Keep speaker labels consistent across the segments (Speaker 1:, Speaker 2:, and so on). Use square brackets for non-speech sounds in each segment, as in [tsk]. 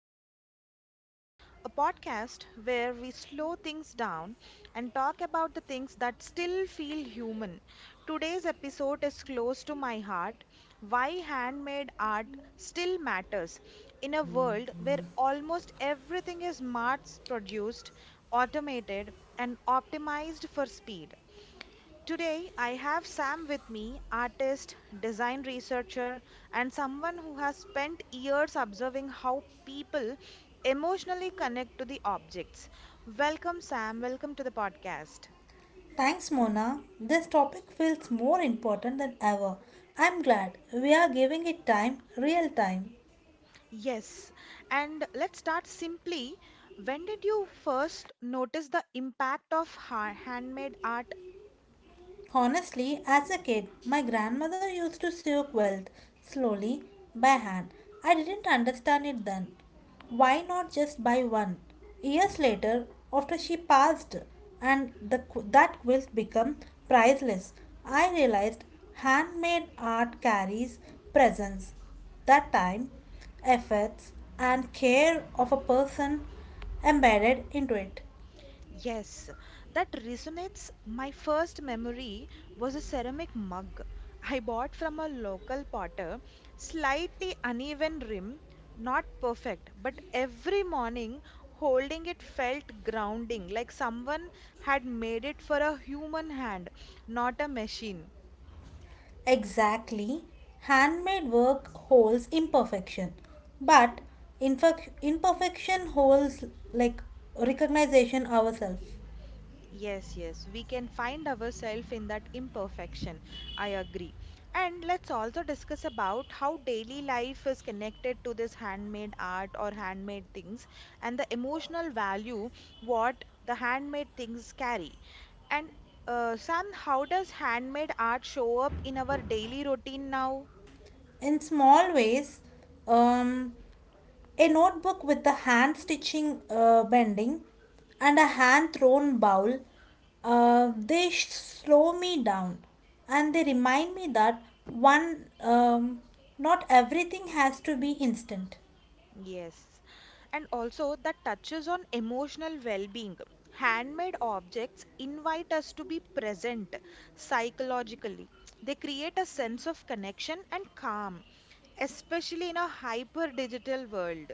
Speaker 1: about human touch, a podcast where we slow things down and talk about the things that still feel human. Today's episode is close to my heart why handmade art still matters in a world where almost everything is mass produced, automated, and optimized for speed. Today, I have Sam with me, artist, design researcher, and someone who has spent years observing how people emotionally connect to the objects. Welcome, Sam. Welcome to the podcast.
Speaker 2: Thanks, Mona. This topic feels more important than ever. I'm glad we are giving it time, real time.
Speaker 1: Yes, and let's start simply. When did you first notice the impact of handmade art.
Speaker 2: Honestly, as a kid, my grandmother used to soak wealth slowly by hand. I didn't understand it then. Why not just buy one? Years later, after she passed and that quilt became priceless, I realized handmade art carries presence. That time, efforts, and care of a person embedded into it.
Speaker 1: Yes, that resonates. My first memory was a ceramic mug I bought from a local potter, slightly uneven rim, not perfect, but every morning holding it felt grounding, like someone had made it for a human hand, not a machine.
Speaker 2: Exactly. Handmade work holds imperfection, but imperfection holds like recognition ourselves.
Speaker 1: Yes, yes, we can find ourselves in that imperfection. I agree. And let's also discuss about how daily life is connected to this handmade art or handmade things and the emotional value what the handmade things carry. And Sam, how does handmade art show up in our daily routine now?
Speaker 2: In small ways, um, a notebook with the hand stitching bending and a hand thrown bowl, slow me down and they remind me that one, not everything has to be instant.
Speaker 1: Yes, and also that touches on emotional well-being. Handmade objects invite us to be present psychologically. They create a sense of connection and calm, especially in a hyper digital world.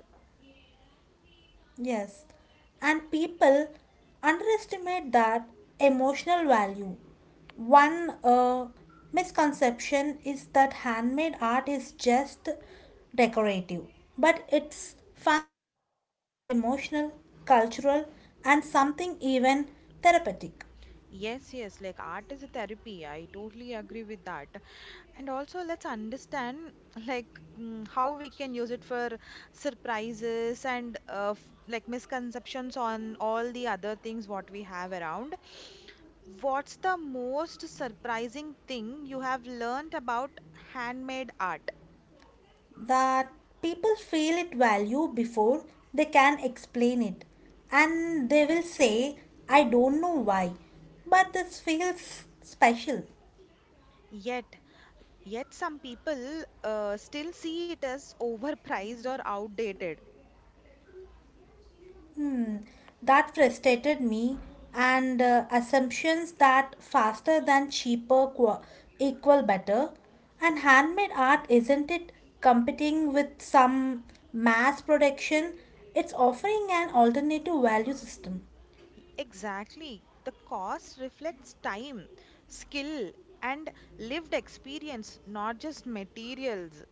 Speaker 2: Yes, and people underestimate that emotional value. One misconception is that handmade art is just decorative, but it's functional, emotional, cultural, and something even therapeutic.
Speaker 1: Yes, yes, like art is a therapy. I totally agree with that. And also let's understand [laughs] like how we can use it for surprises and like misconceptions on all the other things what we have around. What's the most surprising thing you have learned about handmade art?
Speaker 2: That people feel it value before they can explain it, and they will say, I don't know why, but this feels special.
Speaker 1: Yet, yet some people still see it as overpriced or outdated.
Speaker 2: That frustrated me, and assumptions that faster than cheaper qua equal better. And handmade art isn't it competing with some mass production? It's offering an alternative value system.
Speaker 1: Exactly. The cost reflects time, skill, and lived experience, not just materials.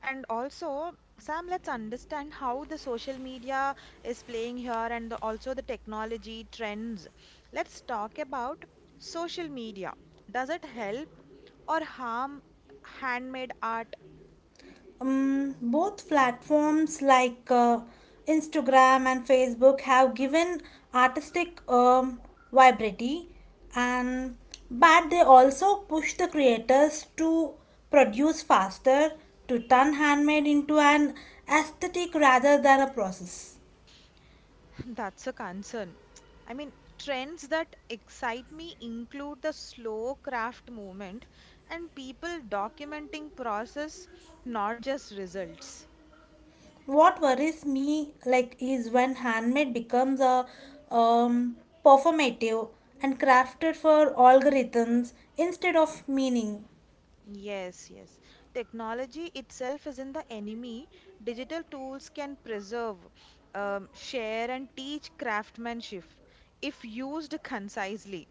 Speaker 1: And also, Sam, let's understand how the social media is playing here and the, also the technology trends. Let's talk about social media. Does it help or harm handmade art?
Speaker 2: Both platforms like Instagram and Facebook have given artistic vibrity and but they also push the creators to produce faster to turn handmade into an aesthetic rather than a process.
Speaker 1: [laughs] That's a concern. I mean, trends that excite me include the slow craft movement and people documenting process, not just results.
Speaker 2: What worries me like is when handmade becomes a um, performative and crafted for algorithms instead of meaning.
Speaker 1: Yes, yes. Technology itself isn't the enemy. Digital tools can preserve, share, and teach craftsmanship if used concisely.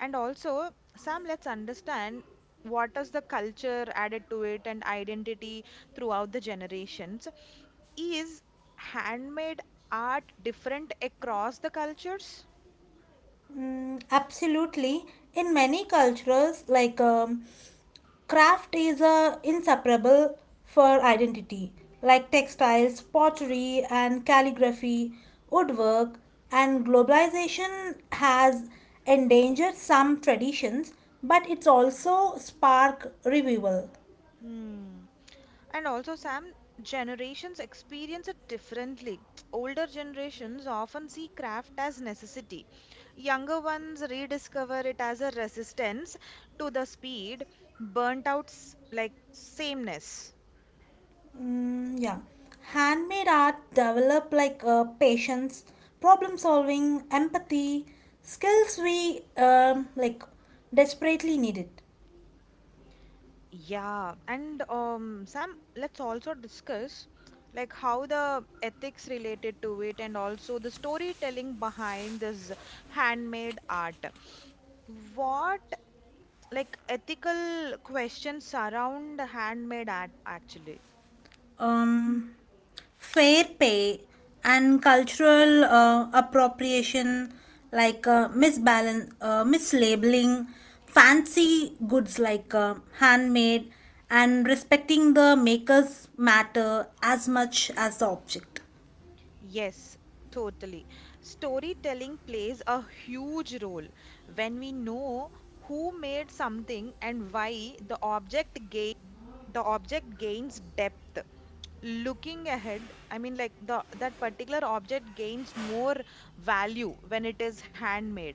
Speaker 1: And also, Sam, let's understand what is the culture added to it and identity throughout the generations. Is handmade art different across the cultures?
Speaker 2: Mm, absolutely. In many cultures, like craft is inseparable for identity, like textiles, pottery, and calligraphy, woodwork, and globalization has endangered some traditions, but it's also spark revival.
Speaker 1: Hmm. And also, Sam, generations experience it differently. [tsk] Older generations often see craft as necessity. Younger ones rediscover it as a resistance to the speed, like sameness.
Speaker 2: Mm, yeah. Handmade art develop like patience, problem solving, empathy, skills we like desperately need it.
Speaker 1: Yeah, and Sam, let's also discuss like how the ethics related to it and also the storytelling behind this handmade art. What like ethical questions surround handmade art actually.
Speaker 2: Um, Fair pay and cultural appropriation like misbalance, mislabeling, fancy goods like handmade and respecting the maker's matter as much as the object.
Speaker 1: Yes, totally. Storytelling plays a huge role. When we know who made something and why, the object gain the object gains depth. Looking ahead, I mean, like the that particular object gains more value when it is handmade.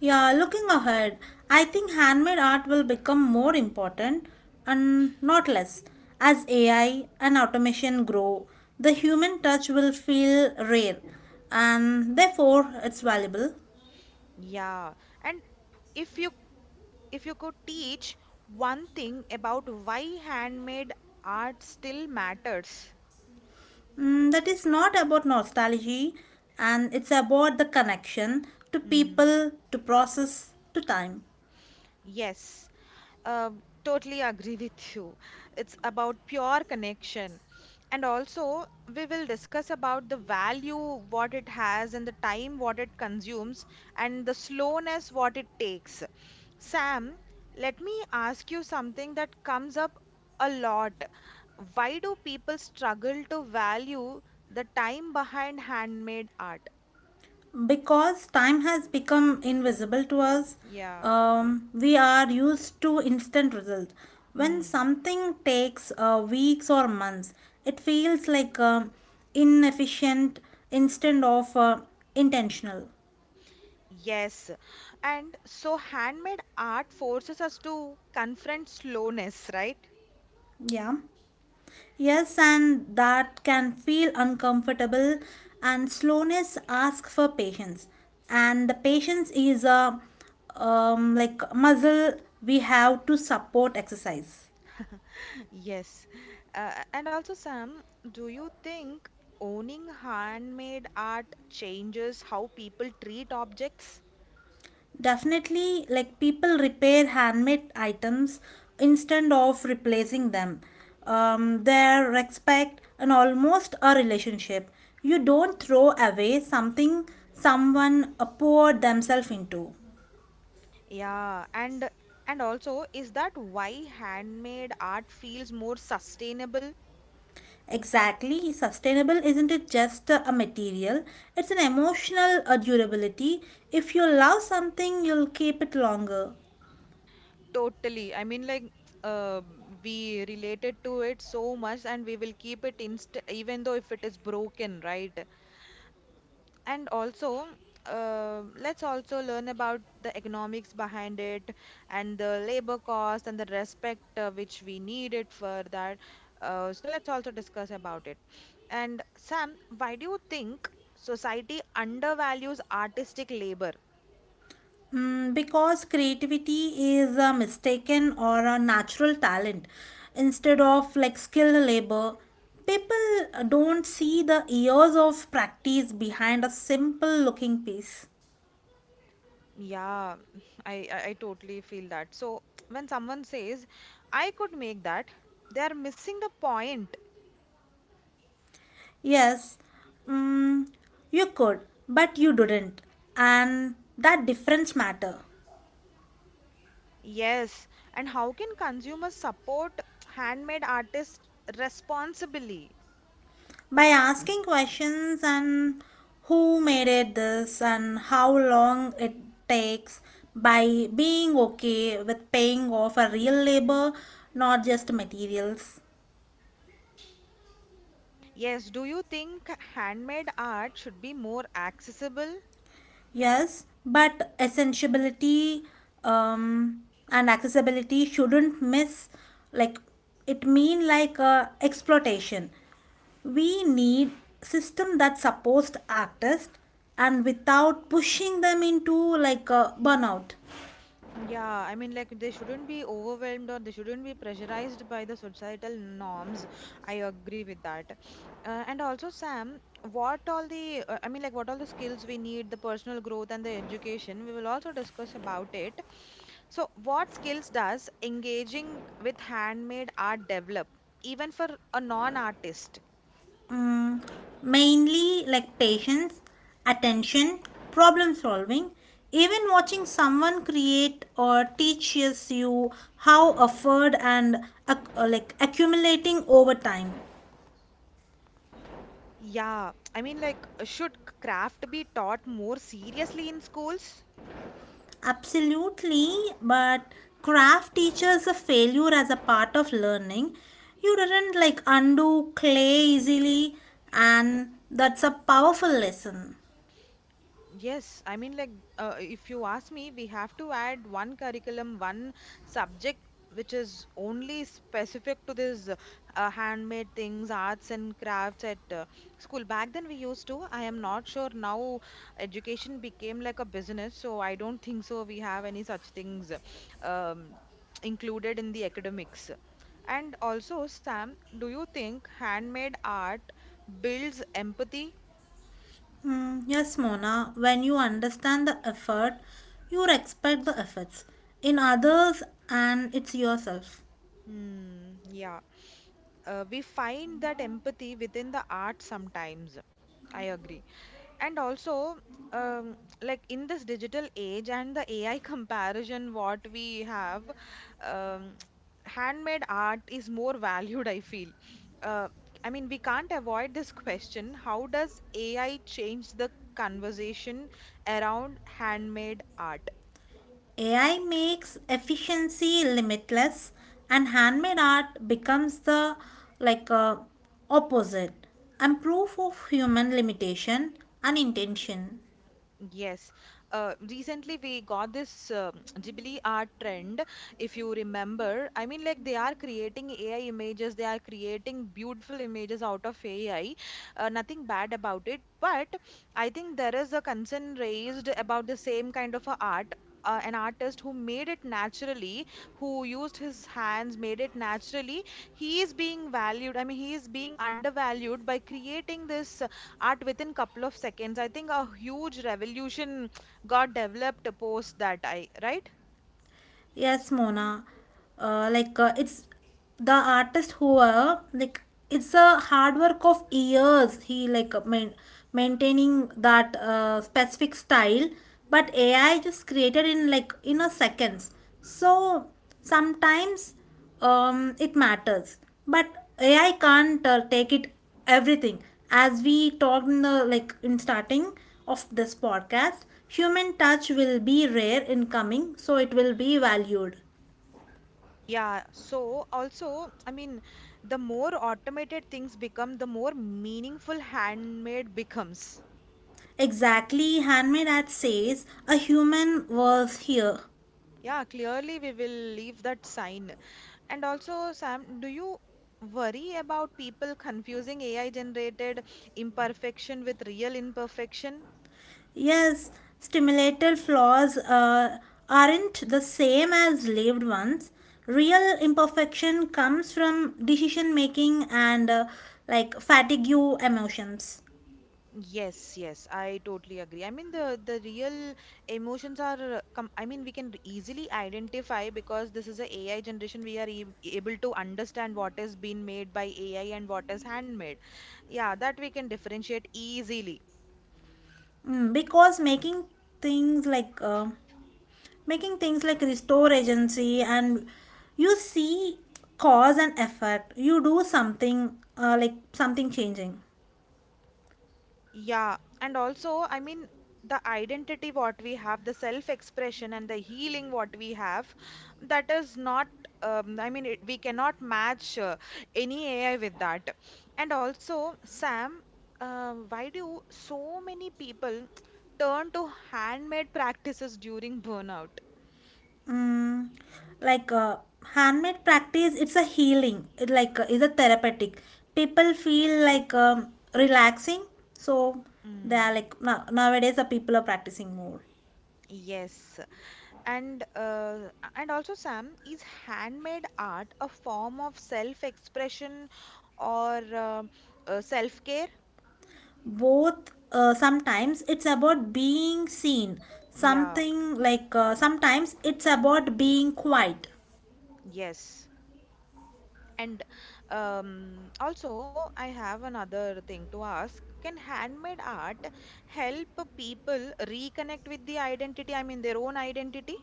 Speaker 2: Yeah, looking ahead, I think handmade art will become more important and not less. As AI and automation grow, the human touch will feel rare and therefore it's valuable.
Speaker 1: Yeah, and if you, if you could teach one thing about why handmade art still matters.
Speaker 2: Mm, that is not about nostalgia and it's about the connection to
Speaker 1: Mm.
Speaker 2: people, to process, to time.
Speaker 1: Yes, totally agree with you. It's about pure connection. And also, we will discuss about the value what it has and the time what it consumes and the slowness what it takes. Sam, let me ask you something that comes up a lot. Why do people struggle to value the time behind handmade art?
Speaker 2: Because time has become invisible to us.
Speaker 1: Yeah.
Speaker 2: We are used to instant result when
Speaker 1: Mm.
Speaker 2: something takes weeks or months. It feels like inefficient instead of intentional.
Speaker 1: Yes. And so handmade art forces us to confront slowness, right?
Speaker 2: Yeah, yes, and that can feel uncomfortable, and slowness asks for patience, and the patience is a, like muscle we have to support exercise.
Speaker 1: [laughs] Yes. And also, Sam, do you think owning handmade art changes how people treat objects?
Speaker 2: Definitely, like people repair handmade items instead of replacing them. Their respect and almost a relationship. You don't throw away something someone poured themselves into.
Speaker 1: Yeah, and also, is that why handmade art feels more sustainable?
Speaker 2: Exactly, sustainable isn't it just a material, it's an emotional durability. If you love something, you'll keep it longer.
Speaker 1: Totally. I mean, like, uh, we related to it so much, and we will keep it inst even though if it is broken, right? And also, let's also learn about the economics behind it and the labor cost and the respect which we need it for that. So let's also discuss about it. And Sam, why do you think society undervalues artistic labor?
Speaker 2: Mm, because creativity is a mistaken or a natural talent instead of like skilled labor. People don't see the years of practice behind a simple looking piece.
Speaker 1: Yeah, [laughs] I totally feel that. So [tsk] when someone says, I could make that, they are missing the point.
Speaker 2: Yes, mm, you could but you didn't, and that difference matter.
Speaker 1: Yes, and how can consumers support [tsk] handmade artists responsibly?
Speaker 2: By asking questions and who made it this and how long it takes, by being okay with paying off a real labor, not just materials.
Speaker 1: Yes, do you think handmade art should be more accessible?
Speaker 2: Yes, but essentiality, um, and accessibility shouldn't miss like it mean like exploitation. We need system that supports artists and without pushing them into like a burnout.
Speaker 1: Yeah, I mean, like they shouldn't be overwhelmed or they shouldn't be pressurized by the societal norms. I agree with that. And also, Sam, what all the, I mean, like, what all the skills we need, the personal growth and the education, we will also discuss about it. So, what skills does engaging with handmade art develop, even for a non-artist?
Speaker 2: Mainly like patience, attention, problem solving. Even watching someone create or teaches you how effort and like accumulating over time.
Speaker 1: Yeah, I mean, like, should craft be taught more seriously in schools?
Speaker 2: Absolutely, but craft teaches a failure as a part of learning. You didn't like undo clay easily, and that's a powerful lesson.
Speaker 1: Yes, I mean, like, if you ask me, we have to add one curriculum, one subject which is only specific to this handmade things, arts and crafts at school. Back then, we used to. I am not sure now education became like a business, so I don't think so. We have any such things included in the academics. And also, Sam, do you think handmade art builds empathy?
Speaker 2: Mm, yes, Mona, when you understand the effort, you respect the efforts in others and it's yourself.
Speaker 1: Hmm, yeah. We find that empathy within the art sometimes. I agree. And also, um, like in this digital age and the AI [laughs] comparison, what we have, um, [tsk] handmade art is more valued, I feel. Uh, I mean, we can't avoid this question. How does AI change the conversation around handmade art?
Speaker 2: AI makes efficiency limitless and handmade art becomes the like opposite and proof of human limitation and intention.
Speaker 1: Yes. Recently, we got this [tsk] Ghibli art trend. If you remember, I mean, like they are creating AI images, they are creating beautiful images out of AI. Nothing bad about it, but I think there is a concern raised about the same kind of a art. An artist who made it naturally, who used his hands, made it naturally, he is being valued. I mean, he is being undervalued by creating this at within couple of seconds. I think a huge revolution got developed post that I right?
Speaker 2: Yes, Mona. Like it's the artist who like it's a hard work of years. He like maintaining that specific style, but AI just created in like you know seconds. So sometimes, it matters. But AI can't take it everything. As we talked in the like in starting of this podcast, human touch will be rare in coming, so it will be valued.
Speaker 1: Yeah, so also, I mean, the more automated things become, the more meaningful handmade becomes.
Speaker 2: Exactly, handmade ad says a human was here.
Speaker 1: Yeah, clearly we will leave that sign. And also, Sam, do you worry about people confusing AI generated imperfection with real imperfection?
Speaker 2: Yes, stimulated flaws aren't the same as lived ones. Real imperfection comes from decision making and like fatigue emotions.
Speaker 1: Yes, yes, I totally agree. I mean, the real emotions are, com I mean, we can easily identify because this is a AI generation. We are e able to understand what is being made by AI and what is handmade. Yeah, that we can differentiate easily.
Speaker 2: Mm, because things like uh, making things like restore agency and you see cause and effect. You do something like something changing.
Speaker 1: Yeah, and also, I mean, the identity what we have, the self-expression and the healing what we have, that is not, I mean, it, we cannot match any AI with that. And also, Sam, why do so many people turn to handmade practices during burnout?
Speaker 2: Mm, like handmade practice it's a healing it like is a therapeutic. People feel like relaxing. So they are
Speaker 1: Mm,
Speaker 2: like now nowadays the people are practicing more.
Speaker 1: yes. And uh, and also, Sam, is handmade art a form of self-expression or self-care?
Speaker 2: Both sometimes it's about being seen,
Speaker 1: Yeah,
Speaker 2: something like sometimes it's about being quiet.
Speaker 1: yes. And also, I have another thing to ask. Can handmade art help people reconnect with the identity? I mean, their own identity?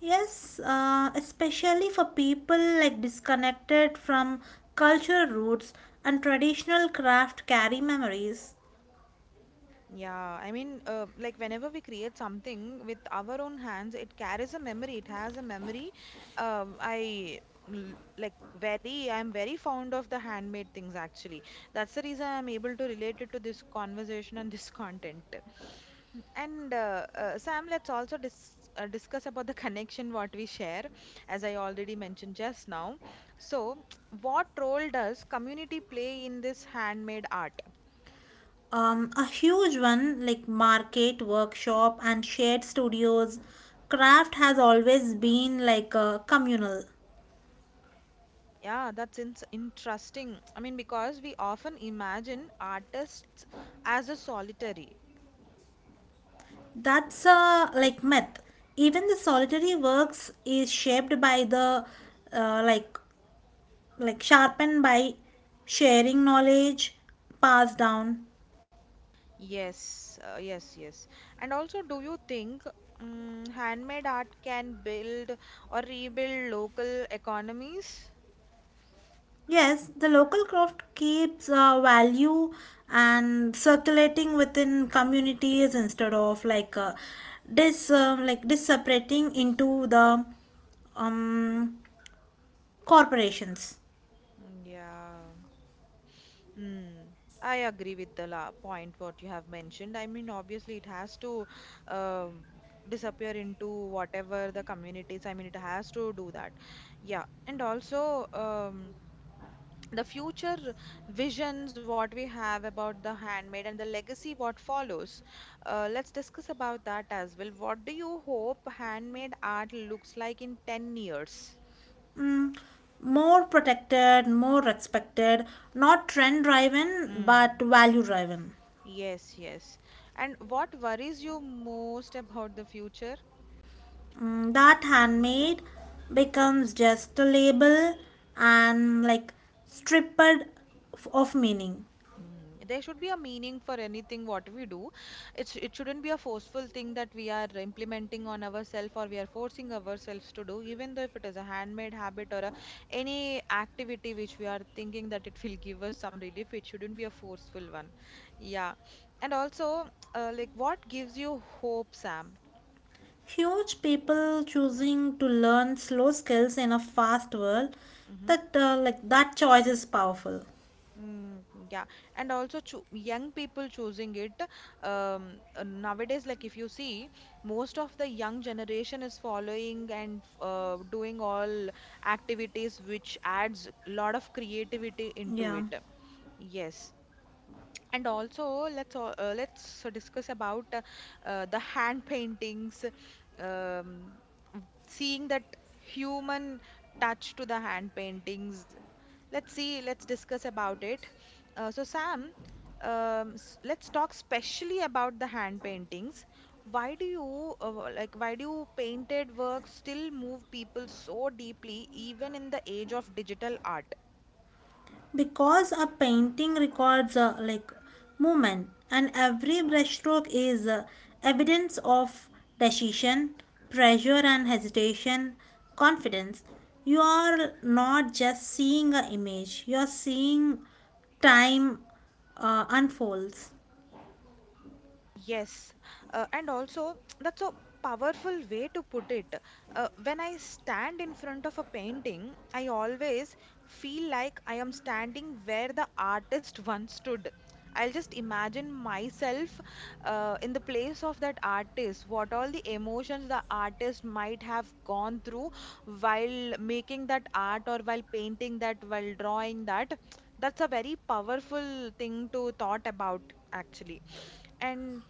Speaker 2: Yes, especially for people like disconnected from cultural roots and traditional craft carry memories.
Speaker 1: Yeah, I mean, like whenever we create something with our own hands, it carries a memory. It has a memory. I like very, I'm very fond of the handmade things actually. That's the reason I'm able to relate it to this conversation and [laughs] this content. And Sam, let's also discuss about the connection what we share, as I already mentioned just now. So, [tsk] what role does community play in this handmade art?
Speaker 2: A huge one like market workshop and shared studios. Craft has always been like a communal.
Speaker 1: Yeah, that's in interesting. I mean, because we often imagine artists as a solitary.
Speaker 2: That's a like myth. Even the solitary works is shaped by the like sharpened by sharing knowledge passed down.
Speaker 1: Yes, yes, yes. And also, do you think handmade art can build or rebuild local economies?
Speaker 2: Yes, the local craft keeps value and circulating within communities instead of like this like this separating into the um, corporations.
Speaker 1: Mm, yeah. Mm. I agree with the la point what you have mentioned. I mean, obviously, it has to um, disappear into whatever the communities. I mean, it has to do that. Yeah. And also, the future visions what we have about the handmade and the legacy what follows, let's discuss about that as well. What do you hope handmade art looks like in 10 years?
Speaker 2: Mm, more protected, more respected, not trend driven but
Speaker 1: Mm,
Speaker 2: value driven.
Speaker 1: yes, yes. And what worries you most about the future?
Speaker 2: Mm, that handmade becomes just a label and like stripped of meaning.
Speaker 1: Mm, there should be a meaning for anything what we do. It's it shouldn't be a forceful thing that we are implementing on ourselves or we are forcing ourselves to do, even though if it is a handmade habit or a, any activity which we are thinking that it [laughs] will give us some relief, it shouldn't be a forceful one. Yeah. And also, like what gives you hope, Sam?
Speaker 2: Huge people choosing to learn slow skills in a fast world,
Speaker 1: Mm-hmm.
Speaker 2: that like that choice is powerful.
Speaker 1: Mm, yeah, and also cho young people choosing it. Nowadays, like if you see, most of the young generation is following and doing all activities which adds a lot of creativity into
Speaker 2: Yeah.
Speaker 1: it. Yes. And also, let's discuss about the hand paintings, um, seeing that human touch to the hand paintings. Let's see, let's discuss about it. So, Sam, let's talk specially about the hand paintings. Why do you like why do painted work still move people so deeply even in the age of digital art?
Speaker 2: Because a painting records like movement and every brushstroke is evidence of decision, pressure and hesitation, confidence. You are not just seeing an image, you are seeing time unfolds.
Speaker 1: Yes, and also [tsk] that's a powerful way to put it. When I stand in front of a painting, I always feel like I am standing where the artist [laughs] once stood. I'll just imagine myself in the place of that artist, what all the emotions the artist might have gone through while making that art or while painting that, while drawing that. [tsk] That's a very powerful thing to thought about, actually. And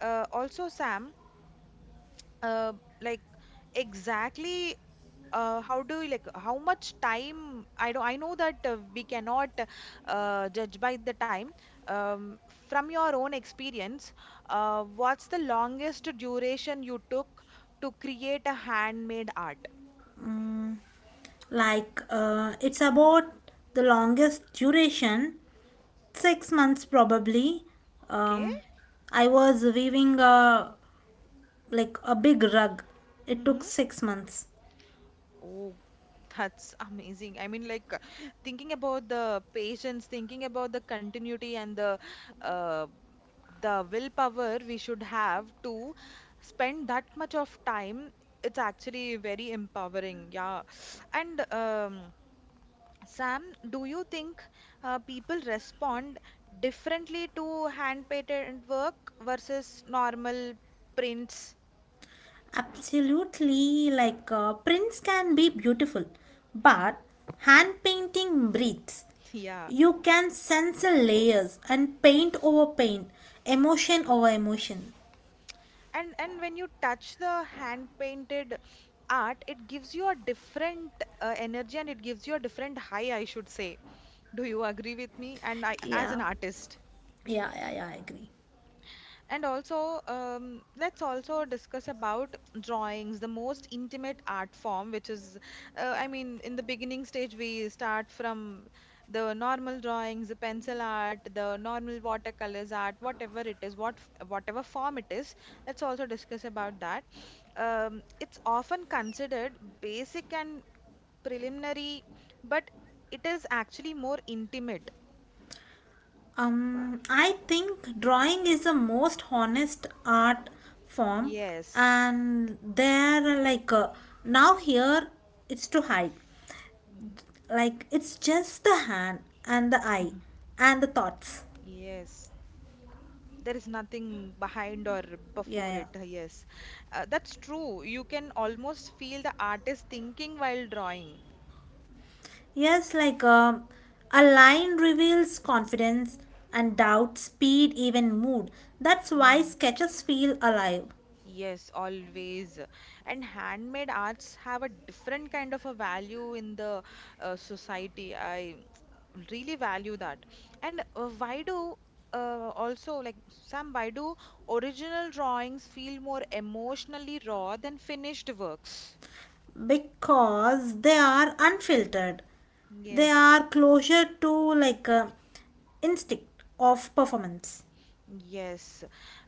Speaker 1: also Sam, uh, like exactly how do you like how much time I know that we cannot judge by the time. Um, from your own experience, what's the longest duration you took to create a handmade art?
Speaker 2: Like, it's about the longest duration, 6 months probably.
Speaker 1: Okay.
Speaker 2: Um, I was weaving a like a big rug. It took
Speaker 1: Mm-hmm.
Speaker 2: 6 months.
Speaker 1: That's amazing. I mean, like thinking about the patience, thinking about the continuity and uh, the willpower we should have to spend that much of time. It's actually very empowering. Yeah. And Sam, do you think people respond differently to hand-painted work versus normal prints?
Speaker 2: Absolutely, like prints can be beautiful,
Speaker 1: Hmm.
Speaker 2: but hand painting breathes.
Speaker 1: [laughs] Yeah.
Speaker 2: You can sense the layers and paint over paint, emotion over emotion.
Speaker 1: And when you touch the hand painted art, it gives you a different energy and it gives you a different high, I should say. Do you agree with me? And I, as an
Speaker 2: Yeah,
Speaker 1: artist.
Speaker 2: yeah, yeah, yeah. I agree.
Speaker 1: And also, let's also discuss about drawings, the most intimate art form, which is, I mean, in the beginning stage, we start from the normal drawings, the pencil art, the normal watercolors art, whatever it is, whatever form it is. Let's also discuss about that. It's often considered basic and preliminary, but it is actually more intimate.
Speaker 2: I think drawing is the most honest art form,
Speaker 1: Yes.
Speaker 2: and there, like now here, it's to hide.
Speaker 1: Mhm.
Speaker 2: Like it's just the hand and the eye
Speaker 1: [laughs]
Speaker 2: and the thoughts.
Speaker 1: Yes, there is nothing behind or
Speaker 2: Yeah,
Speaker 1: before
Speaker 2: yeah.
Speaker 1: it. Yes, that's true. You can almost feel the artist thinking while drawing.
Speaker 2: Yes, like a line reveals confidence and doubt, speed, even mood. That's why
Speaker 1: Mm.
Speaker 2: sketches feel alive.
Speaker 1: Yes, always. And handmade arts have a different kind of a value in the society. I really value that. And why do also like Sam, why do original drawings feel more emotionally raw than finished works?
Speaker 2: Because they are unfiltered. They
Speaker 1: Yes.
Speaker 2: are closer to like a instinct of performance.
Speaker 1: Yes,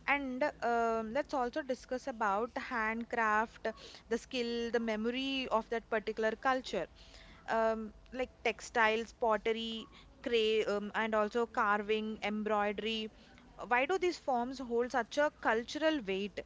Speaker 1: and let's also discuss about the handcraft, the skill, the memory of that particular culture, like textiles, pottery, cray, and also carving, embroidery. Why do these forms hold such a cultural weight?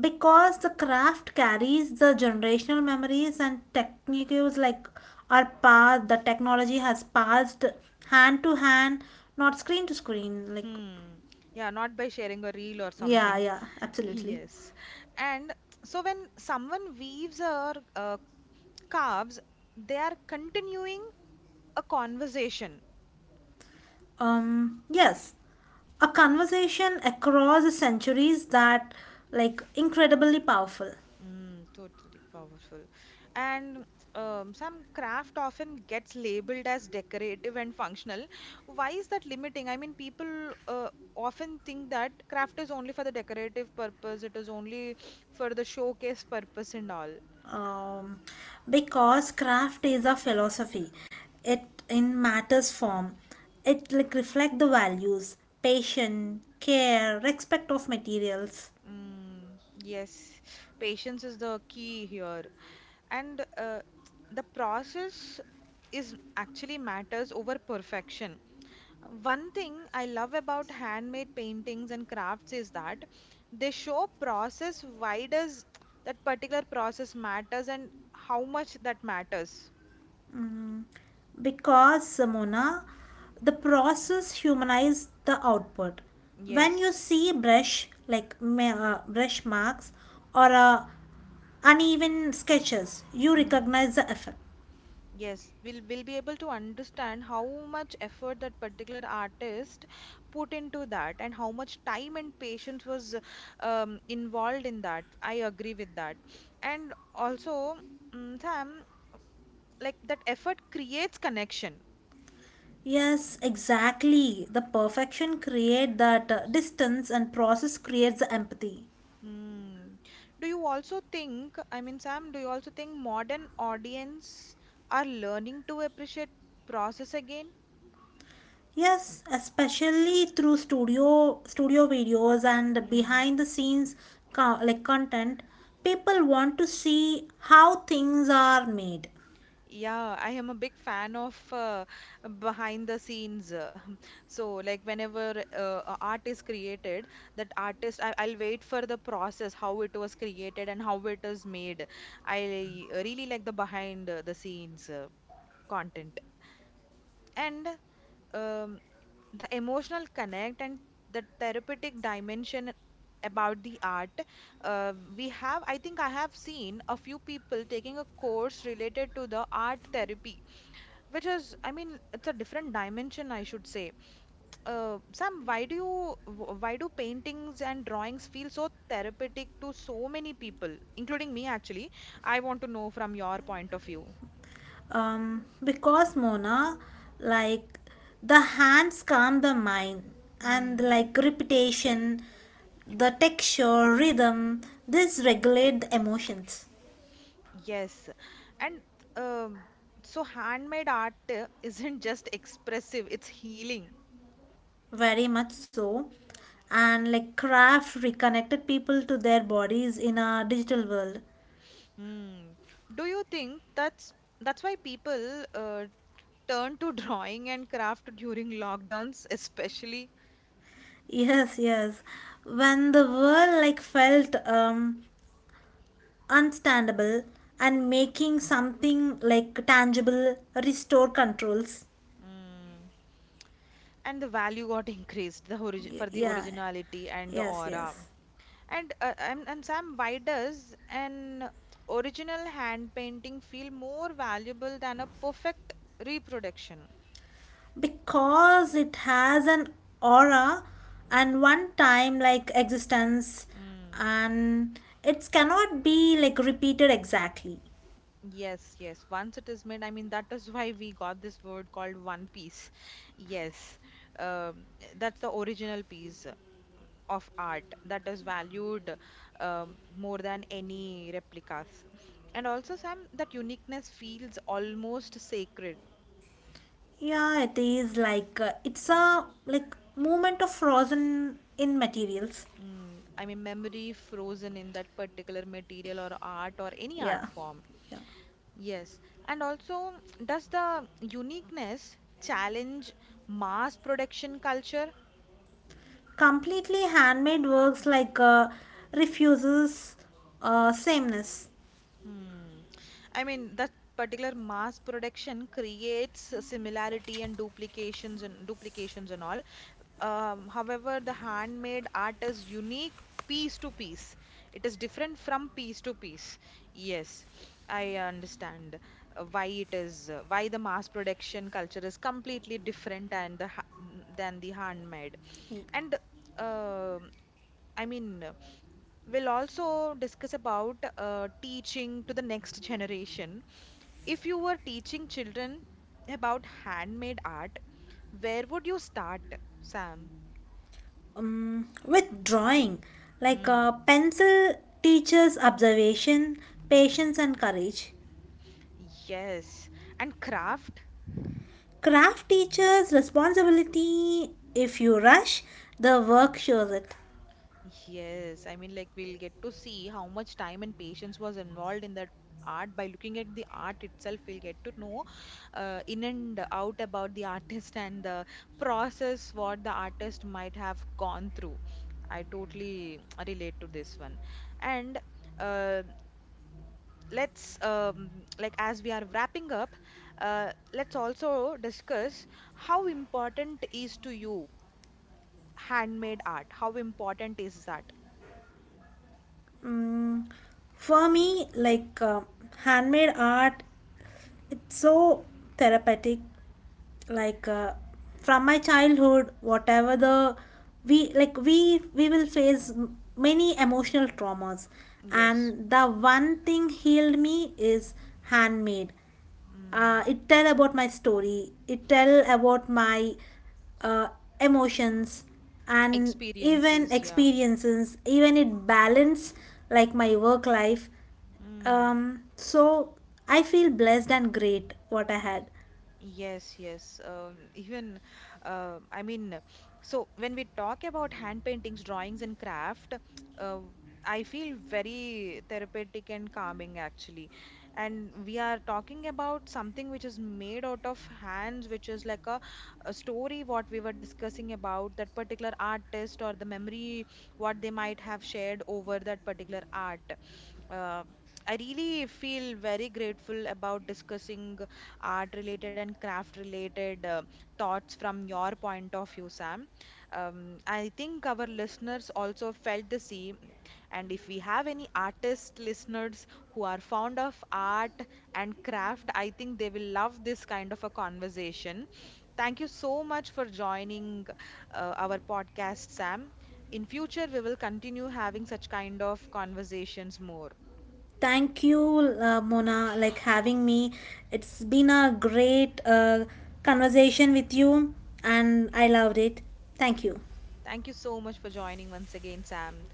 Speaker 2: Because the craft carries the generational memories and techniques like are passed, the technology has passed hand to hand, not screen to screen. Like,
Speaker 1: Hmm. Yeah, not by sharing a reel or
Speaker 2: yeah,
Speaker 1: something.
Speaker 2: yeah,
Speaker 1: [laughs]
Speaker 2: absolutely.
Speaker 1: Yes. And so when someone weaves or carves, they are continuing a conversation.
Speaker 2: Yes, a conversation across the centuries that like incredibly powerful.
Speaker 1: Mm, totally powerful. And some craft often gets labeled as decorative and functional. Why is that limiting? I mean, people often think that craft is only for the decorative purpose, it is only for the showcase purpose and all.
Speaker 2: um, because craft is a philosophy, it in matters form, it like reflect the values, patience, care, respect of materials.
Speaker 1: Mm, yes, patience is the key here. And the process is actually matters over perfection. One thing I love about handmade paintings and crafts is that they show process. Why does that particular process matters and how much that matters.
Speaker 2: Because Mona, the process humanize the output when
Speaker 1: Yes.
Speaker 2: you see brush marks or uneven sketches you
Speaker 1: Mm.
Speaker 2: recognize the effort.
Speaker 1: Yes, we'll be able to understand how much effort that particular artist put into that and how much time and patience was involved in that. I agree with that. And also, mm, Sam, like that effort creates connection.
Speaker 2: Yes, exactly. The perfection create that distance and process creates the empathy.
Speaker 1: Hmm. Do you also think, I mean, Sam, do you also think modern audience are learning to appreciate process again?
Speaker 2: Yes, especially through studio videos and
Speaker 1: Hmm.
Speaker 2: behind the scenes like content, people want to see how things are made.
Speaker 1: Yeah, I am a big fan of behind the scenes. [laughs] So, like whenever a art is created, that artist, I'll wait for the process, how it was created and how it is made. I really like the behind the scenes content. And um, the emotional connect and the therapeutic dimension about the art we have. I think I have seen a few people taking a course related to the art therapy, which is, I mean, it's a different dimension, I should say. Sam, why do you, why do paintings and drawings feel so therapeutic to so many people, including me actually? I want to know from your point of view.
Speaker 2: Because Mona, like the hands calm the mind and
Speaker 1: Mm,
Speaker 2: like repetition, the texture, rhythm, this regulate the emotions.
Speaker 1: yes. And um, so handmade art [laughs] isn't just expressive, it's healing.
Speaker 2: Very much so. And like craft reconnected people to their bodies in a digital world.
Speaker 1: Hmm. Do you think that's why people turn to [laughs] drawing and craft during lockdowns, especially?
Speaker 2: Yes, yes. When the world like felt unstandable and making something like tangible restore controls.
Speaker 1: Hmm. And the value got [laughs] increased, for the
Speaker 2: Yeah.
Speaker 1: originality and the
Speaker 2: Yes,
Speaker 1: aura.
Speaker 2: yes.
Speaker 1: And Sam, why does an original hand painting feel more valuable than a perfect reproduction?
Speaker 2: Because it has an aura and one time like existence
Speaker 1: Hmm.
Speaker 2: and it cannot be like repeated exactly.
Speaker 1: Yes, yes. Once it is made, I mean, that is [laughs] why we got this word called One Piece. Yes, um, that's the original piece of art that is valued more than any replicas. And also, Sam, that uniqueness feels almost sacred.
Speaker 2: Yeah, it is like it's a like movement of frozen in materials.
Speaker 1: Mm, I mean, memory frozen in that particular material or art or any art
Speaker 2: Yeah,
Speaker 1: form.
Speaker 2: yeah.
Speaker 1: Yes, and also, does the uniqueness challenge mass production culture?
Speaker 2: Completely handmade works like refuses sameness.
Speaker 1: Hmm. I mean, that particular mass production creates a similarity and duplications and duplications and all. However, the handmade art is unique piece to piece. It is different from piece to piece. Yes, I understand why it is why the mass production culture is completely different and than the handmade.
Speaker 2: Y-
Speaker 1: And uh, I mean, we'll also discuss about teaching to the next generation. If you were teaching children about handmade art, where would you start, Sam?
Speaker 2: with drawing, like
Speaker 1: Mm.
Speaker 2: pencil teaches observation, patience, and courage.
Speaker 1: Yes. And craft?
Speaker 2: Craft teaches responsibility. If you rush, the work shows it.
Speaker 1: Yes. I mean, like, we'll get to see how much time and patience was involved in that art. By looking at the art itself, we'll get to know in and out about the [laughs] artist and the process what the artist might have gone through. I totally [tsk] relate to this one. And uh, let's like as we are wrapping up, let's also discuss how important is to you handmade art. How important is that?
Speaker 2: Mm, for me, like handmade art, it's so therapeutic like from my childhood whatever the we like we will face many emotional traumas,
Speaker 1: Yes.
Speaker 2: and the one thing healed me is handmade.
Speaker 1: Mm.
Speaker 2: It tell about my story, it tell about my uh, emotions and even
Speaker 1: Experiences, yeah.
Speaker 2: experiences even it balance like my work life.
Speaker 1: Mm.
Speaker 2: So I feel blessed and great what I had.
Speaker 1: Yes, yes. Even, I mean, so when we talk about hand paintings, drawings, and craft, uh, I feel very therapeutic and calming actually. And we are talking about something which is made out of hands, which is like a story what we were discussing about that particular artist or the memory what they might have shared over that particular art. Um, I really feel very grateful about discussing art related and craft related thoughts from your point of view, Sam. I think our listeners also felt the same. And if we have any artist listeners who are fond of art and craft, I think they will love this kind of a conversation. Thank you so much for joining our podcast, Sam. In future, we will continue having such kind of conversations more.
Speaker 2: Thank you, Mona, like having me. It's been a great conversation with you, and I loved it. Thank you.
Speaker 1: Thank you so much for joining once again, Sam.